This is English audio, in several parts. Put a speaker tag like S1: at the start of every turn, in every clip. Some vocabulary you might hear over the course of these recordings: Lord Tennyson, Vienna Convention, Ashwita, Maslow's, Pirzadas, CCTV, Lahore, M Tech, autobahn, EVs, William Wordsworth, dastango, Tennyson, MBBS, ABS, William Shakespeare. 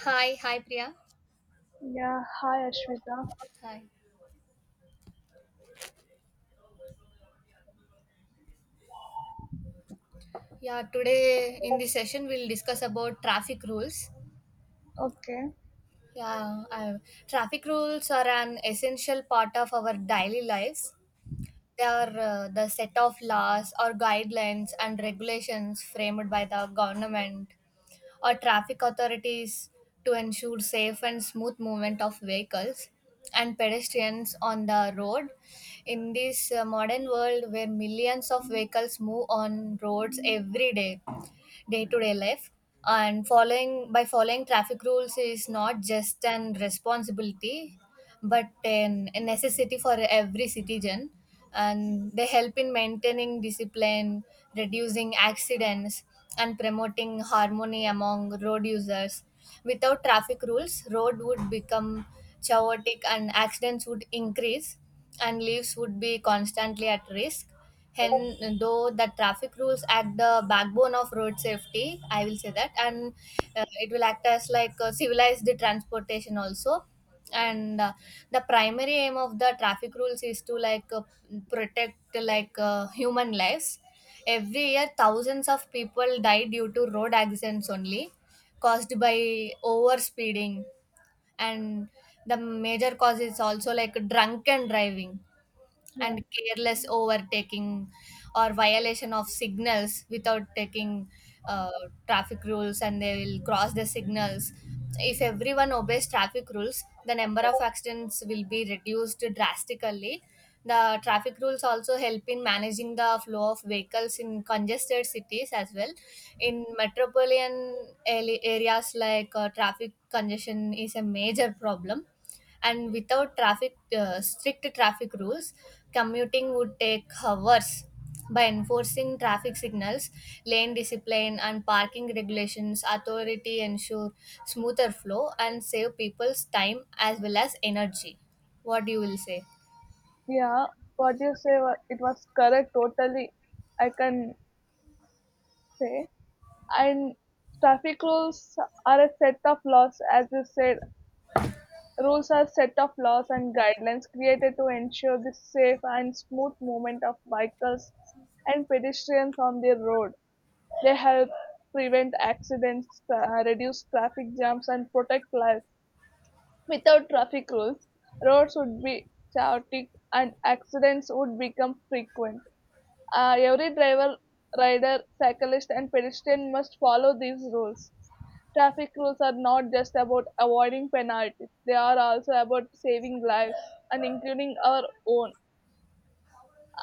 S1: Hi, hi Priya.
S2: Yeah, hi Ashwita.
S1: Hi. Yeah, today in this session we'll discuss about traffic rules.
S2: Okay,
S1: Yeah, I, traffic rules are an essential part of our daily lives. They are the set of laws or guidelines and regulations framed by the government or traffic authorities to ensure safe and smooth movement of vehicles and pedestrians on the road. In this modern world where millions of vehicles move on roads every day, day-to-day life and following traffic rules is not just an responsibility but a necessity for every citizen, and they help in maintaining discipline, reducing accidents, and promoting harmony among road users. Without traffic rules, road would become chaotic and accidents would increase and lives would be constantly at risk. And though the traffic rules act the backbone of road safety, I will say that, and it will act as like civilized transportation also. And the primary aim of the traffic rules is to like protect like human lives. Every year thousands of people die due to road accidents only, caused by over speeding, and the major cause is also like drunken driving
S2: yeah,
S1: and careless overtaking or violation of signals without taking uh, traffic rules, and they will cross the signals. If everyone obeys traffic rules, the number of accidents will be reduced drastically. The traffic rules also help in managing the flow of vehicles in congested cities as well. In metropolitan areas like traffic congestion is a major problem, and without traffic strict traffic rules commuting would take hours. By enforcing traffic signals, lane discipline and parking regulations, authority ensure smoother flow and save people's time as well as energy. What you will say?
S2: yeah. What you say, it was correct totally. I can say. And traffic rules are a set of laws, as you said. Rules are set of laws and guidelines created to ensure the safe and smooth movement of vehicles and pedestrians on the road. They help prevent accidents, reduce traffic jams, and protect lives. Without traffic rules, roads would be chaotic and accidents would become frequent. Every driver, rider, cyclist, and pedestrian must follow these rules. Traffic rules are not just about avoiding penalties, they are also about saving lives and including our own.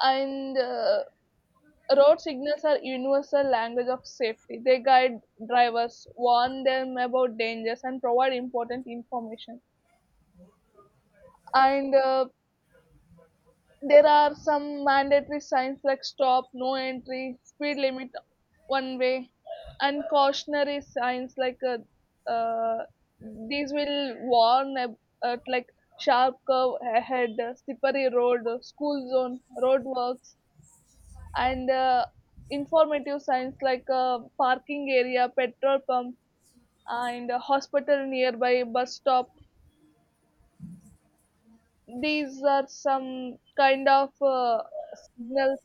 S2: And road signals are universal language of safety. They guide drivers, warn them about dangers, and provide important information. And there are some mandatory signs like stop, no entry, speed limit, one way, and cautionary signs like uh, these will warn at like sharp curve ahead, slippery road, school zone, roadworks, and informative signs like parking area, petrol pump, and hospital nearby, bus stop. These are some kind of signals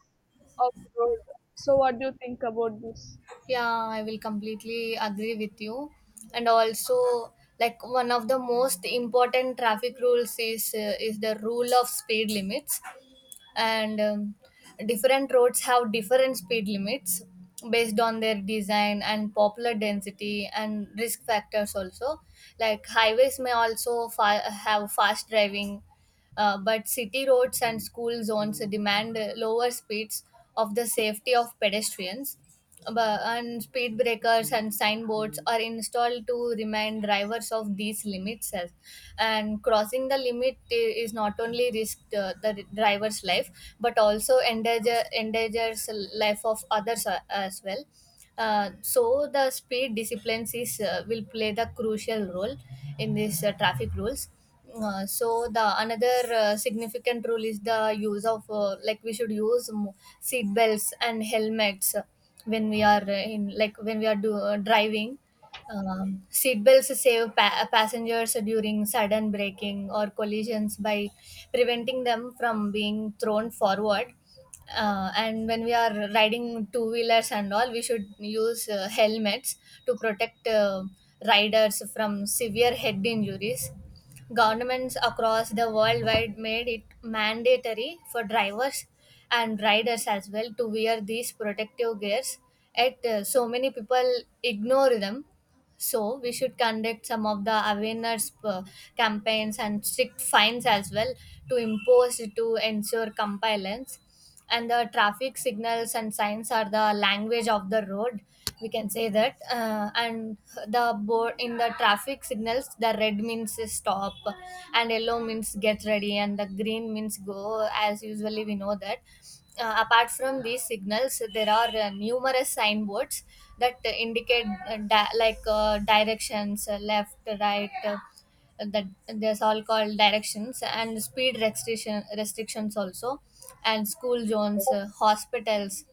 S2: of road. So, what do you think about this?
S1: Yeah, I will completely agree with you. And also, like one of the most important traffic rules is the rule of speed limits. And different roads have different speed limits based on their design and popular density and risk factors also. Like highways may also have fast driving, but city roads and school zones demand lower speeds of the safety of pedestrians. And speed breakers and signboards are installed to remind drivers of these limits and crossing the limit is not only risk the driver's life but also endangers life of others as well. So the speed disciplines is, will play the crucial role in these traffic rules. So the another significant rule is the use of like we should use seat belts and helmets when we are in like when we are driving. Seat belts save passengers during sudden braking or collisions by preventing them from being thrown forward. And when we are riding two wheelers and all, we should use helmets to protect riders from severe head injuries. Governments across the world wide made it mandatory for drivers and riders as well to wear these protective gears, yet so many people ignore them. So we should conduct some of the awareness campaigns and strict fines as well to impose to ensure compliance. And the traffic signals and signs are the language of the road. We can say that. And the board in the traffic signals, the red means stop, and yellow means get ready, and the green means go. As usually we know that. Uh, apart from these signals there are numerous signboards that indicate like directions, left right, that there's all called directions and speed restrictions also, and school zones, hospitals,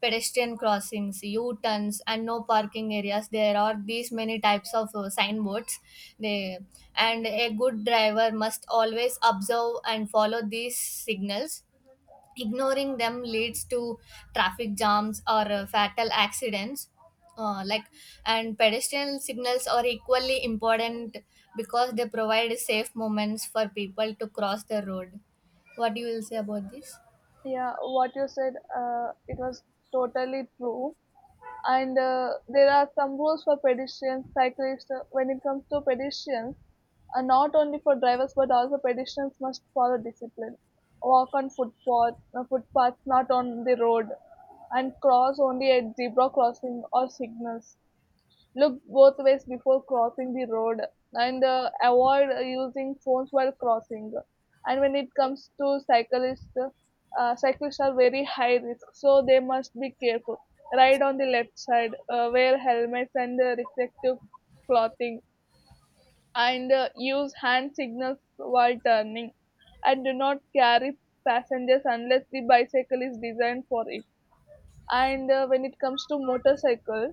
S1: pedestrian crossings, u-turns and no parking areas. There are these many types of signboards, they and a good driver must always observe and follow these signals. Ignoring them leads to traffic jams or fatal accidents. uh, like and pedestrian signals are equally important because they provide safe moments for people to cross the road. What do you will say about this?
S2: Yeah, what you said, it was totally true. And there are some rules for pedestrians, cyclists. When it comes to pedestrians, not only for drivers but also pedestrians must follow discipline. Walk on footpaths, not on the road, and cross only at zebra crossing or signals. Look both ways before crossing the road, and avoid using phones while crossing. And when it comes to cyclists, cyclists are very high risk, so they must be careful. Ride on the left side, wear helmets and reflective clothing, and use hand signals while turning. And do not carry passengers unless the bicycle is designed for it. And when it comes to motorcycle,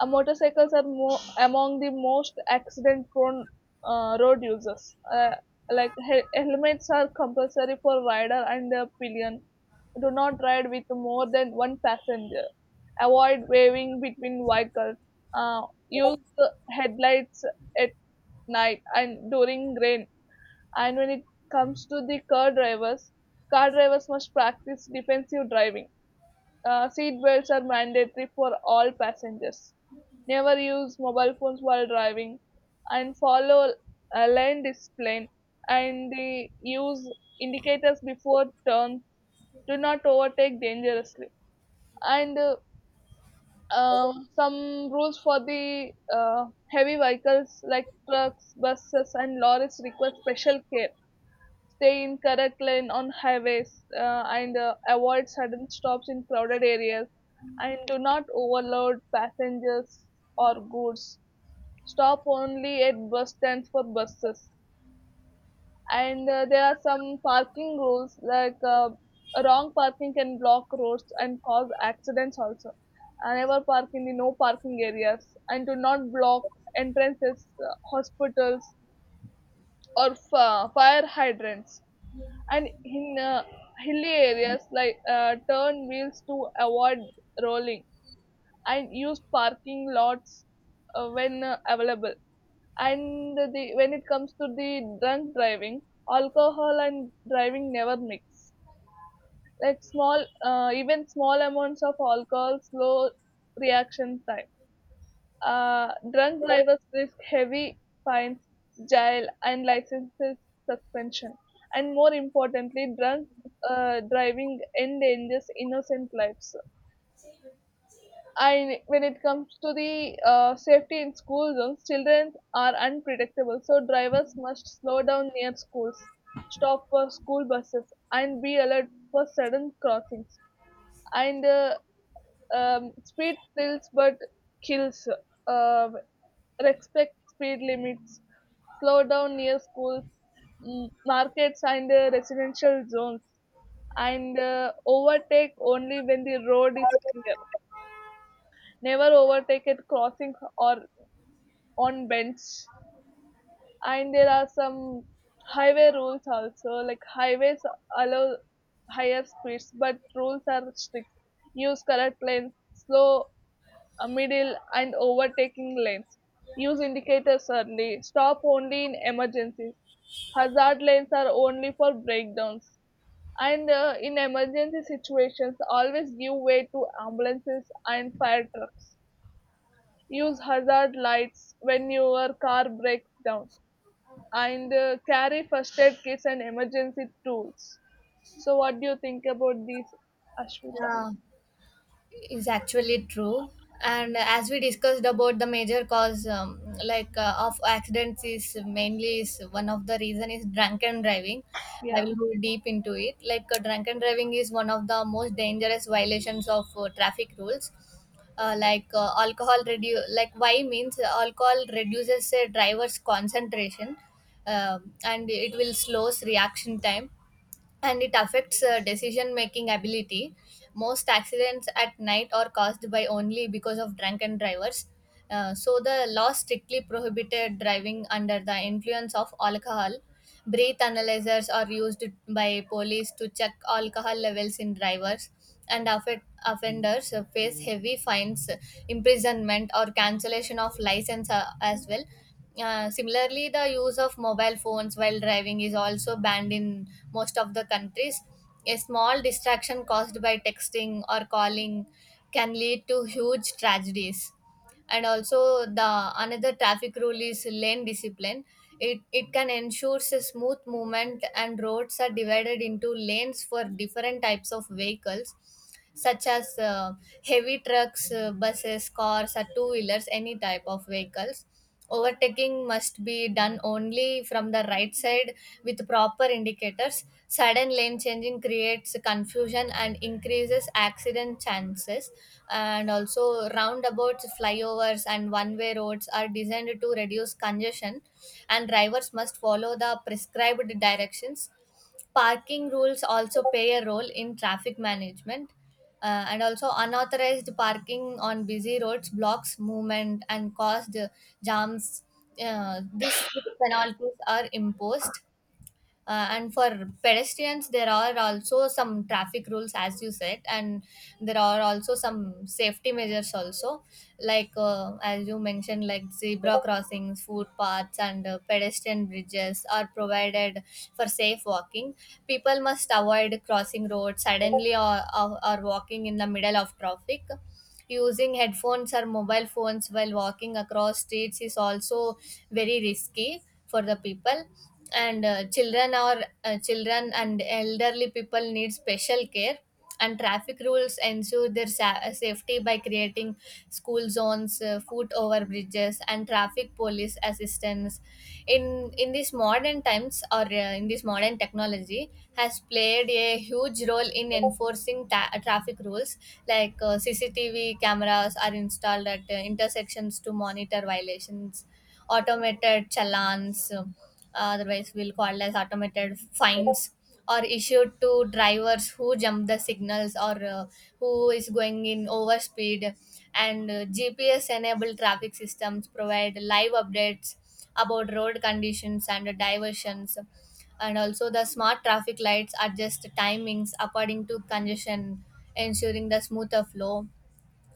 S2: motorcycles are among the most accident-prone road users. Like helmets are compulsory for rider and a pillion. Do not ride with more than one passenger. Avoid waving between vehicles. Uh, Use the headlights at night and during rain. And when it comes to the car drivers must practice defensive driving. Seat belts are mandatory for all passengers. Never use mobile phones while driving, and follow a lane discipline and the use indicators before turn. Do not overtake dangerously. And some rules for the heavy vehicles like trucks, buses, and lorries require special care. Stay in correct lane on highways, and avoid sudden stops in crowded areas, and do not overload passengers or goods. Stop only at bus stands for buses. And there are some parking rules like wrong parking can block roads and cause accidents also. And never park in the no parking areas, and do not block entrances, hospitals, or fire hydrants. And in hilly areas, like turn wheels to avoid rolling, and use parking lots when available. And the when it comes to the drunk driving, alcohol and driving never mix. Like small uh, even small amounts of alcohol slow reaction time. Drunk drivers risk heavy fines, jail, and licenses suspension. And more importantly, drunk driving endangers innocent lives. And when it comes to the safety in school zones, children are unpredictable, so drivers must slow down near schools, stop for school buses, and be alert for sudden crossings. And Speed thrills but kills. Um, Respect speed limits. Slow down near schools, markets, and residential zones. And overtake only when the road is clear. Never overtake at crossings or on bends. And there are some highway rules also. Like highways allow higher speeds, but rules are strict. Use correct lanes. Slow a middle, and overtaking lanes. Use indicators early. Stop only in emergencies. Hazard lanes are only for breakdowns. And in emergency situations, always give way to ambulances and fire trucks. Use hazard lights when your car breaks down. And carry first aid kits and emergency tools. So, what do you think about these, Ashwita?
S1: Yeah, is actually true. And as we discussed about the major cause, of accidents is mainly is one of the reason is drunken driving. I
S2: Yeah,
S1: will go deep into it. Like drunken driving is one of the most dangerous violations of traffic rules. Like alcohol redu- like why means Alcohol reduces a driver's concentration, and it will slows reaction time, and it affects decision making ability. Most accidents at night are caused by only because of drunken drivers. So the law strictly prohibited driving under the influence of alcohol. Breath analyzers are used by police to check alcohol levels in drivers, and offenders face heavy fines, imprisonment, or cancellation of license as well. Similarly, the use of mobile phones while driving is also banned in most of the countries. A small distraction caused by texting or calling can lead to huge tragedies. And also, the another traffic rule is lane discipline. It can ensure a smooth movement, and roads are divided into lanes for different types of vehicles, such as heavy trucks, buses, cars, or two wheelers, any type of vehicles. Overtaking must be done only from the right side with proper indicators. Sudden lane changing creates confusion and increases accident chances. And also, roundabouts, flyovers, and one way roads are designed to reduce congestion, and drivers must follow the prescribed directions. Parking rules also play a role in traffic management, and also unauthorized parking on busy roads blocks movement and caused jams. These penalties are imposed. And for pedestrians there are also some traffic rules as you said, and there are also some safety measures also, like as you mentioned, like zebra crossings, footpaths and pedestrian bridges are provided for safe walking. People must avoid crossing roads suddenly or walking in the middle of traffic. Using headphones or mobile phones while walking across streets is also very risky for the people. And children and elderly people need special care, and traffic rules ensure their safety by creating school zones, foot over bridges and traffic police assistance. In these modern times, or in this modern technology has played a huge role in enforcing traffic rules. Like CCTV cameras are installed at intersections to monitor violations. Automated challans, otherwise we'll call as automated fines, are issued to drivers who jump the signals, or who is going in over speed. And GPS enabled traffic systems provide live updates about road conditions and diversions. And also the smart traffic lights adjust timings according to congestion, ensuring the smoother flow.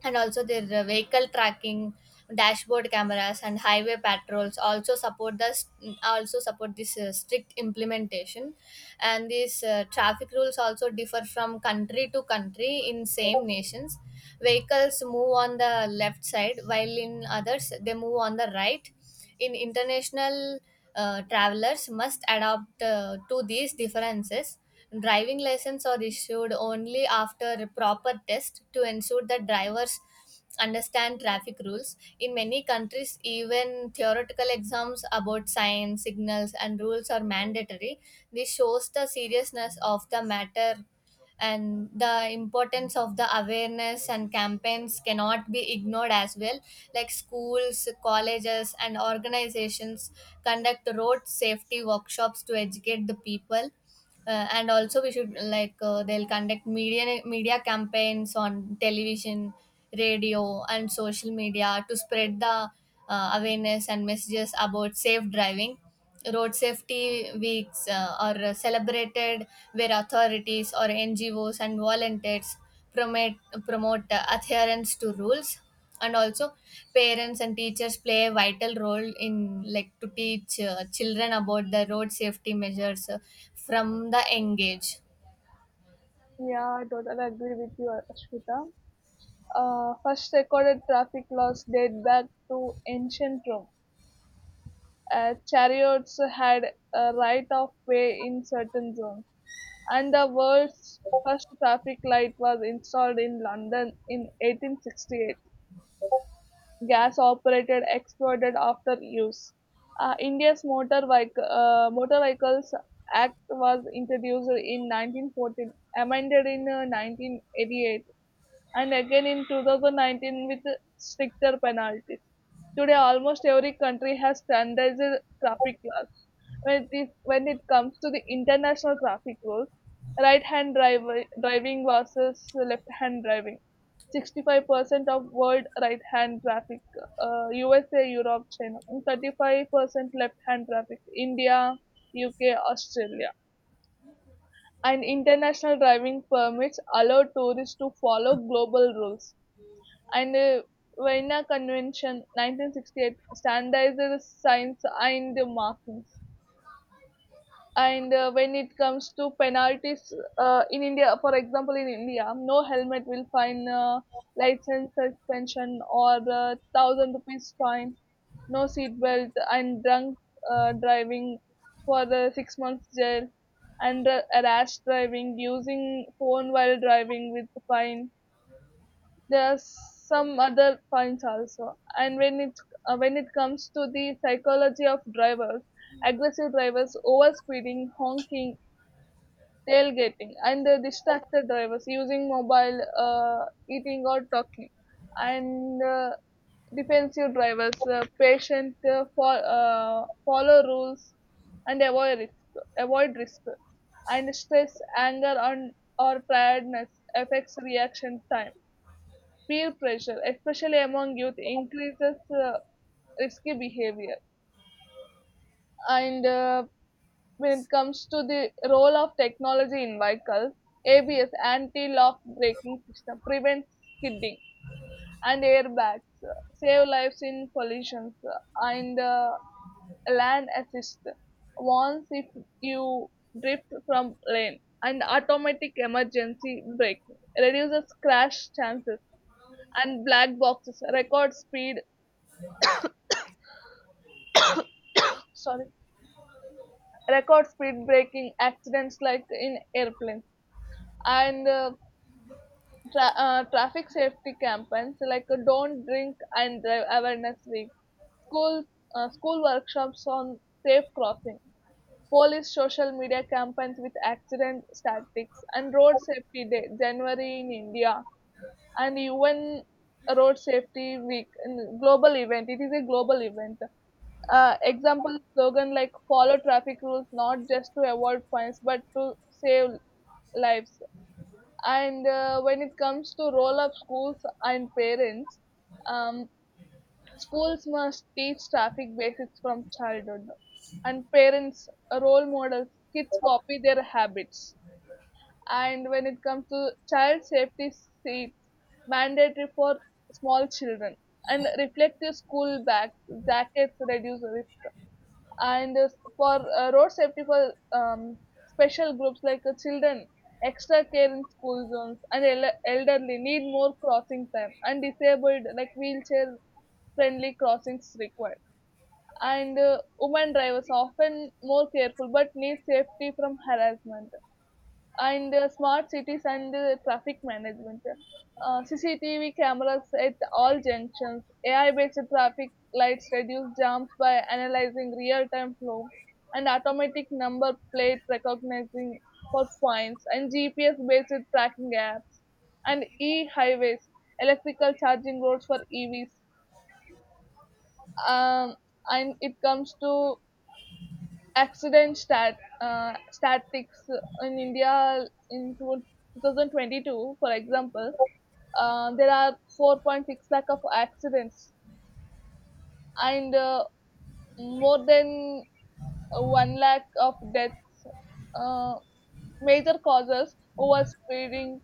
S1: And also their vehicle tracking, dashboard cameras and highway patrols also support this strict implementation. And these traffic rules also differ from country to country. In same nations vehicles move on the left side, while in others they move on the right. In international, travelers must adapt to these differences. Driving license are issued only after a proper test to ensure that drivers understand traffic rules. In many countries, even theoretical exams about signs, signals, and rules are mandatory. This shows the seriousness of the matter, and the importance of the awareness and campaigns cannot be ignored as well. Like schools, colleges and organizations conduct road safety workshops to educate the people. Uh, and also we should like they'll conduct media campaigns on television, radio and social media to spread the awareness and messages about safe driving. Road safety weeks are celebrated, where authorities or NGOs and volunteers promote promote adherence to rules. And also parents and teachers play a vital role in like to teach children about the road safety measures from the young age.
S2: yeah, I totally agree with you, Ashwita. First recorded traffic laws date back to ancient Rome. Chariots had a right of way in certain zones, and the world's first traffic light was installed in London in 1868. Gas operated exploded after use. India's motor Vehicles Act was introduced in 1914, amended in 1988, and again in 2019 with stricter penalties. Today, almost every country has standardized traffic laws. When it comes to the international traffic rules, driving versus left-hand driving. 65% of world right-hand traffic, USA, Europe, China, and 35% left-hand traffic, India, UK, Australia. And international driving permits allow tourists to follow global rules, and the Vienna Convention 1968 standardizes signs and markings. And when it comes to penalties, in India, for example, in India, no helmet will fine, license suspension, or thousand rupees fine, no seat belt and drunk driving for the 6 months jail, and rash driving, using phone while driving with fine. There are some other points also. And when it comes to the psychology of drivers, aggressive drivers overspeeding, honking, tailgating, and the distracted drivers using mobile, eating or talking, and defensive drivers, patient, for follow rules and avoid risk, and stress, anger on or tiredness affects reaction time. Peer pressure, especially among youth, increases risky behavior. And when it comes to the role of technology in vehicles, ABS anti-lock braking system prevents skidding, and airbags save lives in collisions, and land assist warns if you drift from lane, and automatic emergency braking reduces crash chances, and black boxes record speed, sorry, record speed breaking accidents like in airplanes. and uh, Traffic safety campaigns like don't drink and drive awareness week, school school workshops on safe crossing, police social media campaigns with accident statistics, and road safety day January in India, and UN road safety week in global event. It is a global event. Example slogan like follow traffic rules not just to avoid fines but to save lives. And when it comes to role of schools and parents, um, schools must teach traffic basics from childhood, and parents, role models. Kids copy their habits. And when it comes to child safety seats, mandatory for small children, and reflective school bags, jackets reduce. And for Road safety for special groups like children, extra care in school zones, and elderly need more crossing time, and disabled like wheelchair friendly crossings required. And women drivers are often more careful but need safety from harassment. And smart cities and traffic management. CCTV cameras at all junctions. AI-based traffic lights reduce jams by analyzing real-time flow, and automatic number plate recognizing for fines, and GPS-based tracking apps, and e-highways, electrical charging roads for EVs. Um, and it comes to accident statistics in India in 2022, for example, there are 4.6 lakh of accidents, and more than 1 lakh of deaths. Uh, Major causes overspeeding,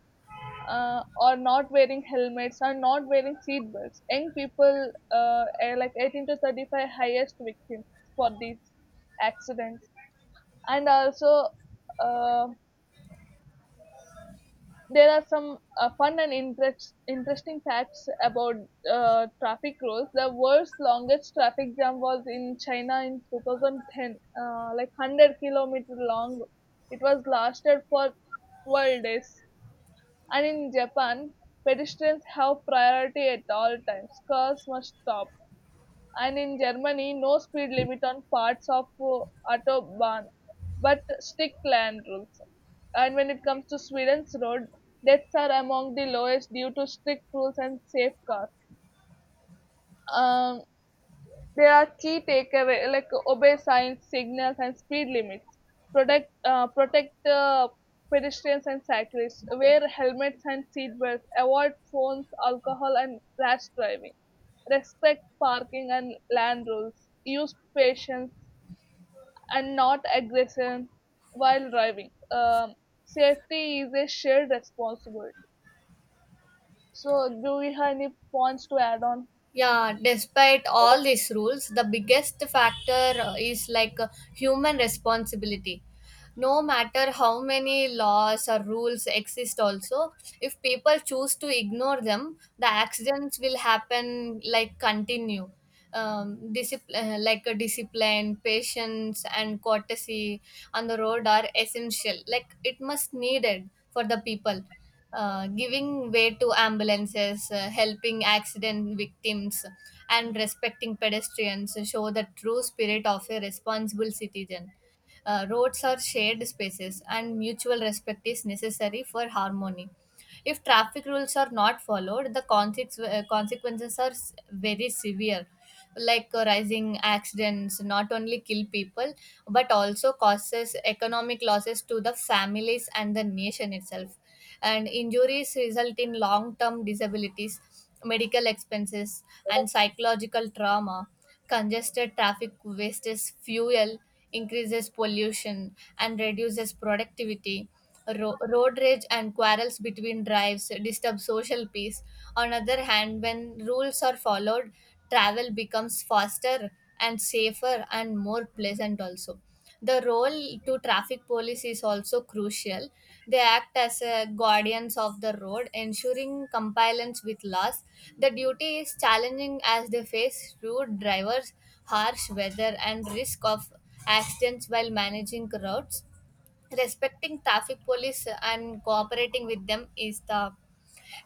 S2: or not wearing helmets or not wearing seat belts. Young people are like 18 to 35 highest victims for these accidents. And also, uh, there are some fun and interesting facts about traffic rules. The world's longest traffic jam was in China in 2010, like 100 kilometer long. It was lasted for 12 days. And in Japan, pedestrians have priority at all times. Cars must stop, and in Germany, no speed limit on parts of autobahn, but strict land rules. And when it comes to Sweden's road, deaths are among the lowest due to strict rules and safe cars. Um, there are key takeaway like obey signs, signals, and speed limits. Protect protect pedestrians and cyclists. Wear helmets and seatbelts. Avoid phones, alcohol, and rash driving. Respect parking and land rules. Use patience and not aggression while driving. Safety is a shared responsibility. So, do we have any points to add on?
S1: Yeah, despite all these rules the biggest factor is human responsibility. No matter how many laws or rules exist also, if people choose to ignore them the accidents will happen like continue. Like a discipline, patience and courtesy on the road are essential, like it must needed for the people. Uh, giving way to ambulances, helping accident victims and respecting pedestrians show the true spirit of a responsible citizen. Uh, roads are shared spaces, and mutual respect is necessary for harmony. If traffic rules are not followed, the consequences are very severe. Like rising accidents not only kill people but also causes economic losses to the families and the nation itself. And injuries result in long term disabilities, medical expenses, and psychological trauma. Congested traffic wastes fuel, increases pollution, and reduces productivity. Road rage and quarrels between drives disturb social peace. On other hand, when rules are followed, travel becomes faster and safer and more pleasant also. The role to traffic police is also crucial. They act as a guardians of the road, ensuring compliance with laws. The duty is challenging as they face rude drivers, harsh weather, and risk of accidents while managing crowds. Respecting traffic police and cooperating with them is the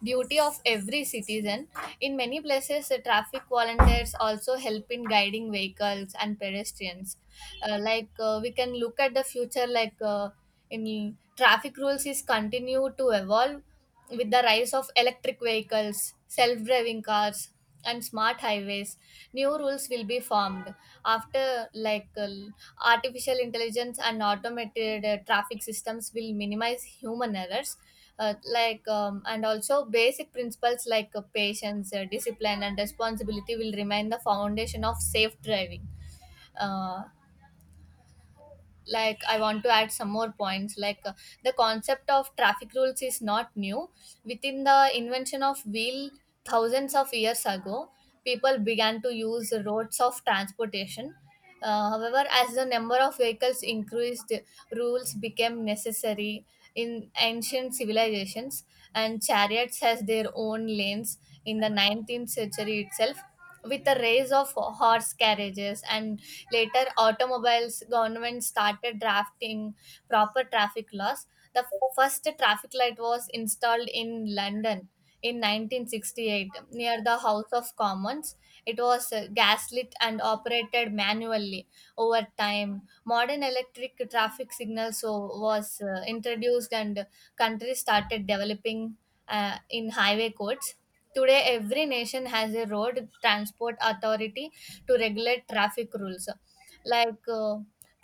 S1: duty of every citizen. In many places, traffic volunteers also help in guiding vehicles and pedestrians. We can look at the future, in traffic rules is continue to evolve with the rise of electric vehicles, self-driving cars, and smart highways. New rules will be formed after artificial intelligence and automated traffic systems will minimize human errors. And also basic principles like patience, discipline and responsibility will remain the foundation of safe driving. uh, I want to add some more points. The concept of traffic rules is not new. Within the invention of wheel thousands of years ago, people began to use the roads of transportation. However, as the number of vehicles increased, rules became necessary. In ancient civilizations and chariots has their own lanes. In the 19th century itself, with the rise of horse carriages and later automobiles, government started drafting proper traffic laws. The first traffic light was installed in London in 1968 near the house of commons. It was gaslit and operated manually. Over time modern electric traffic signals so was introduced, and countries started developing in highway codes. Today, every nation has a road transport authority to regulate traffic rules. Like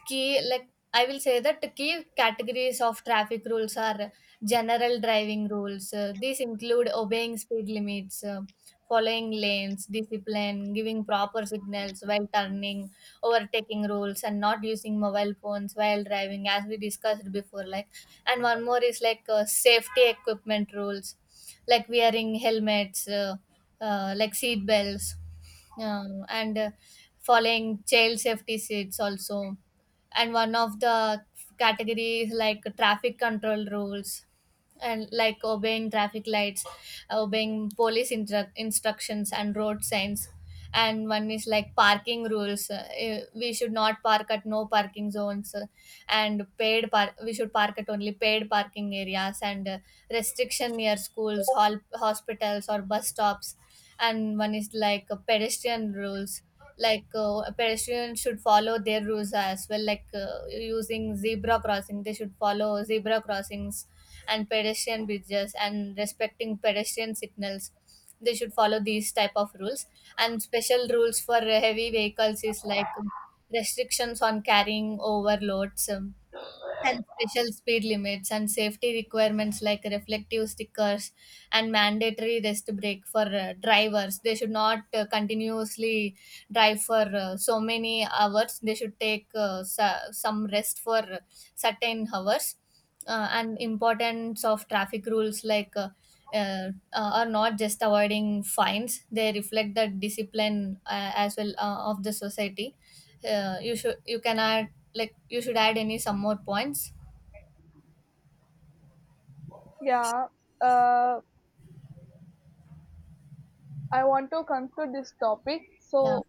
S1: key, like I will say that the key categories of traffic rules are general driving rules. These include obeying speed limits, following lanes, discipline, giving proper signals while turning, overtaking rules, and not using mobile phones while driving, as we discussed before. And one more is like safety equipment rules, like wearing helmets, seat belts, and following child safety seats also. And one of the categories like traffic control rules, and like obeying traffic lights, obeying instructions and road signs. And one is like parking rules. We should not park at no parking zones. We should park at only paid parking areas, and restriction near hospitals or bus stops. And one is pedestrian rules. Pedestrians should follow their rules as well, like using zebra crossing they should follow zebra crossings and pedestrian bridges, and respecting pedestrian signals. They should follow these type of rules. And special rules for heavy vehicles is restrictions on carrying overloads, and special speed limits and safety requirements like reflective stickers, and mandatory rest break for drivers. They should not continuously drive for so many hours. They should take some rest for certain hours. And importance of traffic rules, are not just avoiding fines, they reflect the discipline, as well, of the society. You can add like you should add any some more points.
S2: Yeah. Uh, I want to conclude this topic.
S1: Yeah.
S2: So,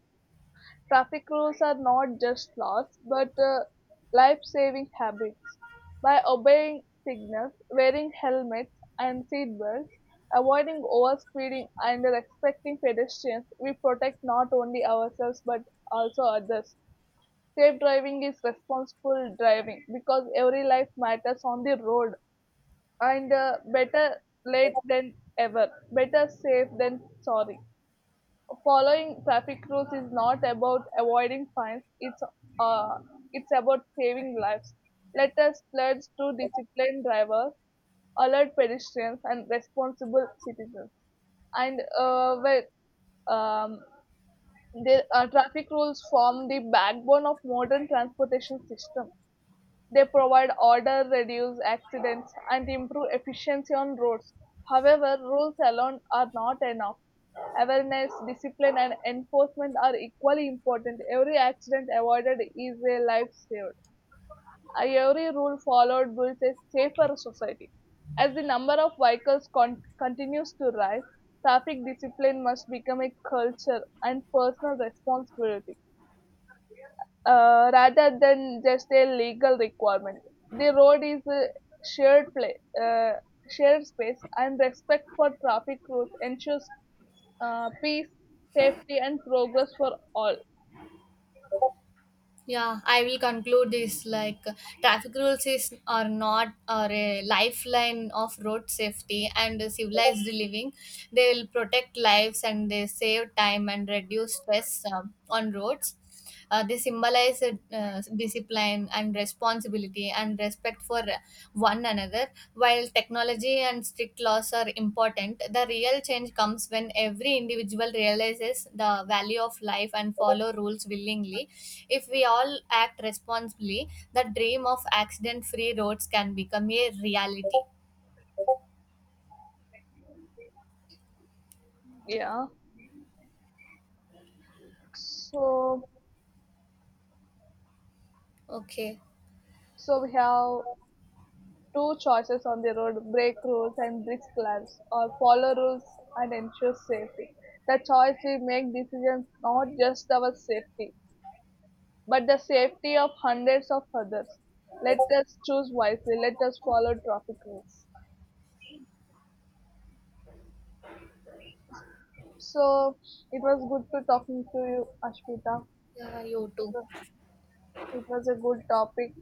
S2: traffic rules are not just laws, but life saving habits. By obeying signals, wearing helmets and seatbelts, avoiding overspeeding, and respecting pedestrians, we protect not only ourselves but also others. Safe driving is responsible driving because every life matters on the road, and better late than ever, better safe than sorry. Following traffic rules is not about avoiding fines. Uh, it's about saving lives. Let us pledge to discipline drivers, alert pedestrians, and responsible citizens. And well, um, the Traffic rules form the backbone of modern transportation system. They provide order, reduce accidents, and improve efficiency on roads. However, rules alone are not enough. Awareness, discipline, and enforcement are equally important. Every accident avoided is a life saved. Every rule followed builds a safer society. As the number of vehicles continues to rise, traffic discipline must become a culture and personal responsibility, rather than just a legal requirement. The road is a shared place, uh, shared space, and respect for traffic rules ensures peace, safety, and progress for all.
S1: Yeah, I will conclude this, like traffic rules is are not are a lifeline of road safety and civilized living. They will protect lives and they save time and reduce stress on roads. They symbolize discipline and responsibility and respect for one another. While technology and strict laws are important, the real change comes when every individual realizes the value of life and follow rules willingly. If we all act responsibly, the dream of accident-free roads can become a reality.
S2: Yeah. So,
S1: Okay.
S2: so we have two choices on the road: break rules and risk lamps, or follow rules and ensure safety. The choice we make decisions not just our safety but the safety of hundreds of others. Let us choose wisely. Let us follow traffic rules. So it was good to talking to you, Ashmita.
S1: Yeah, you
S2: It
S1: too.
S2: was, it was a good topic.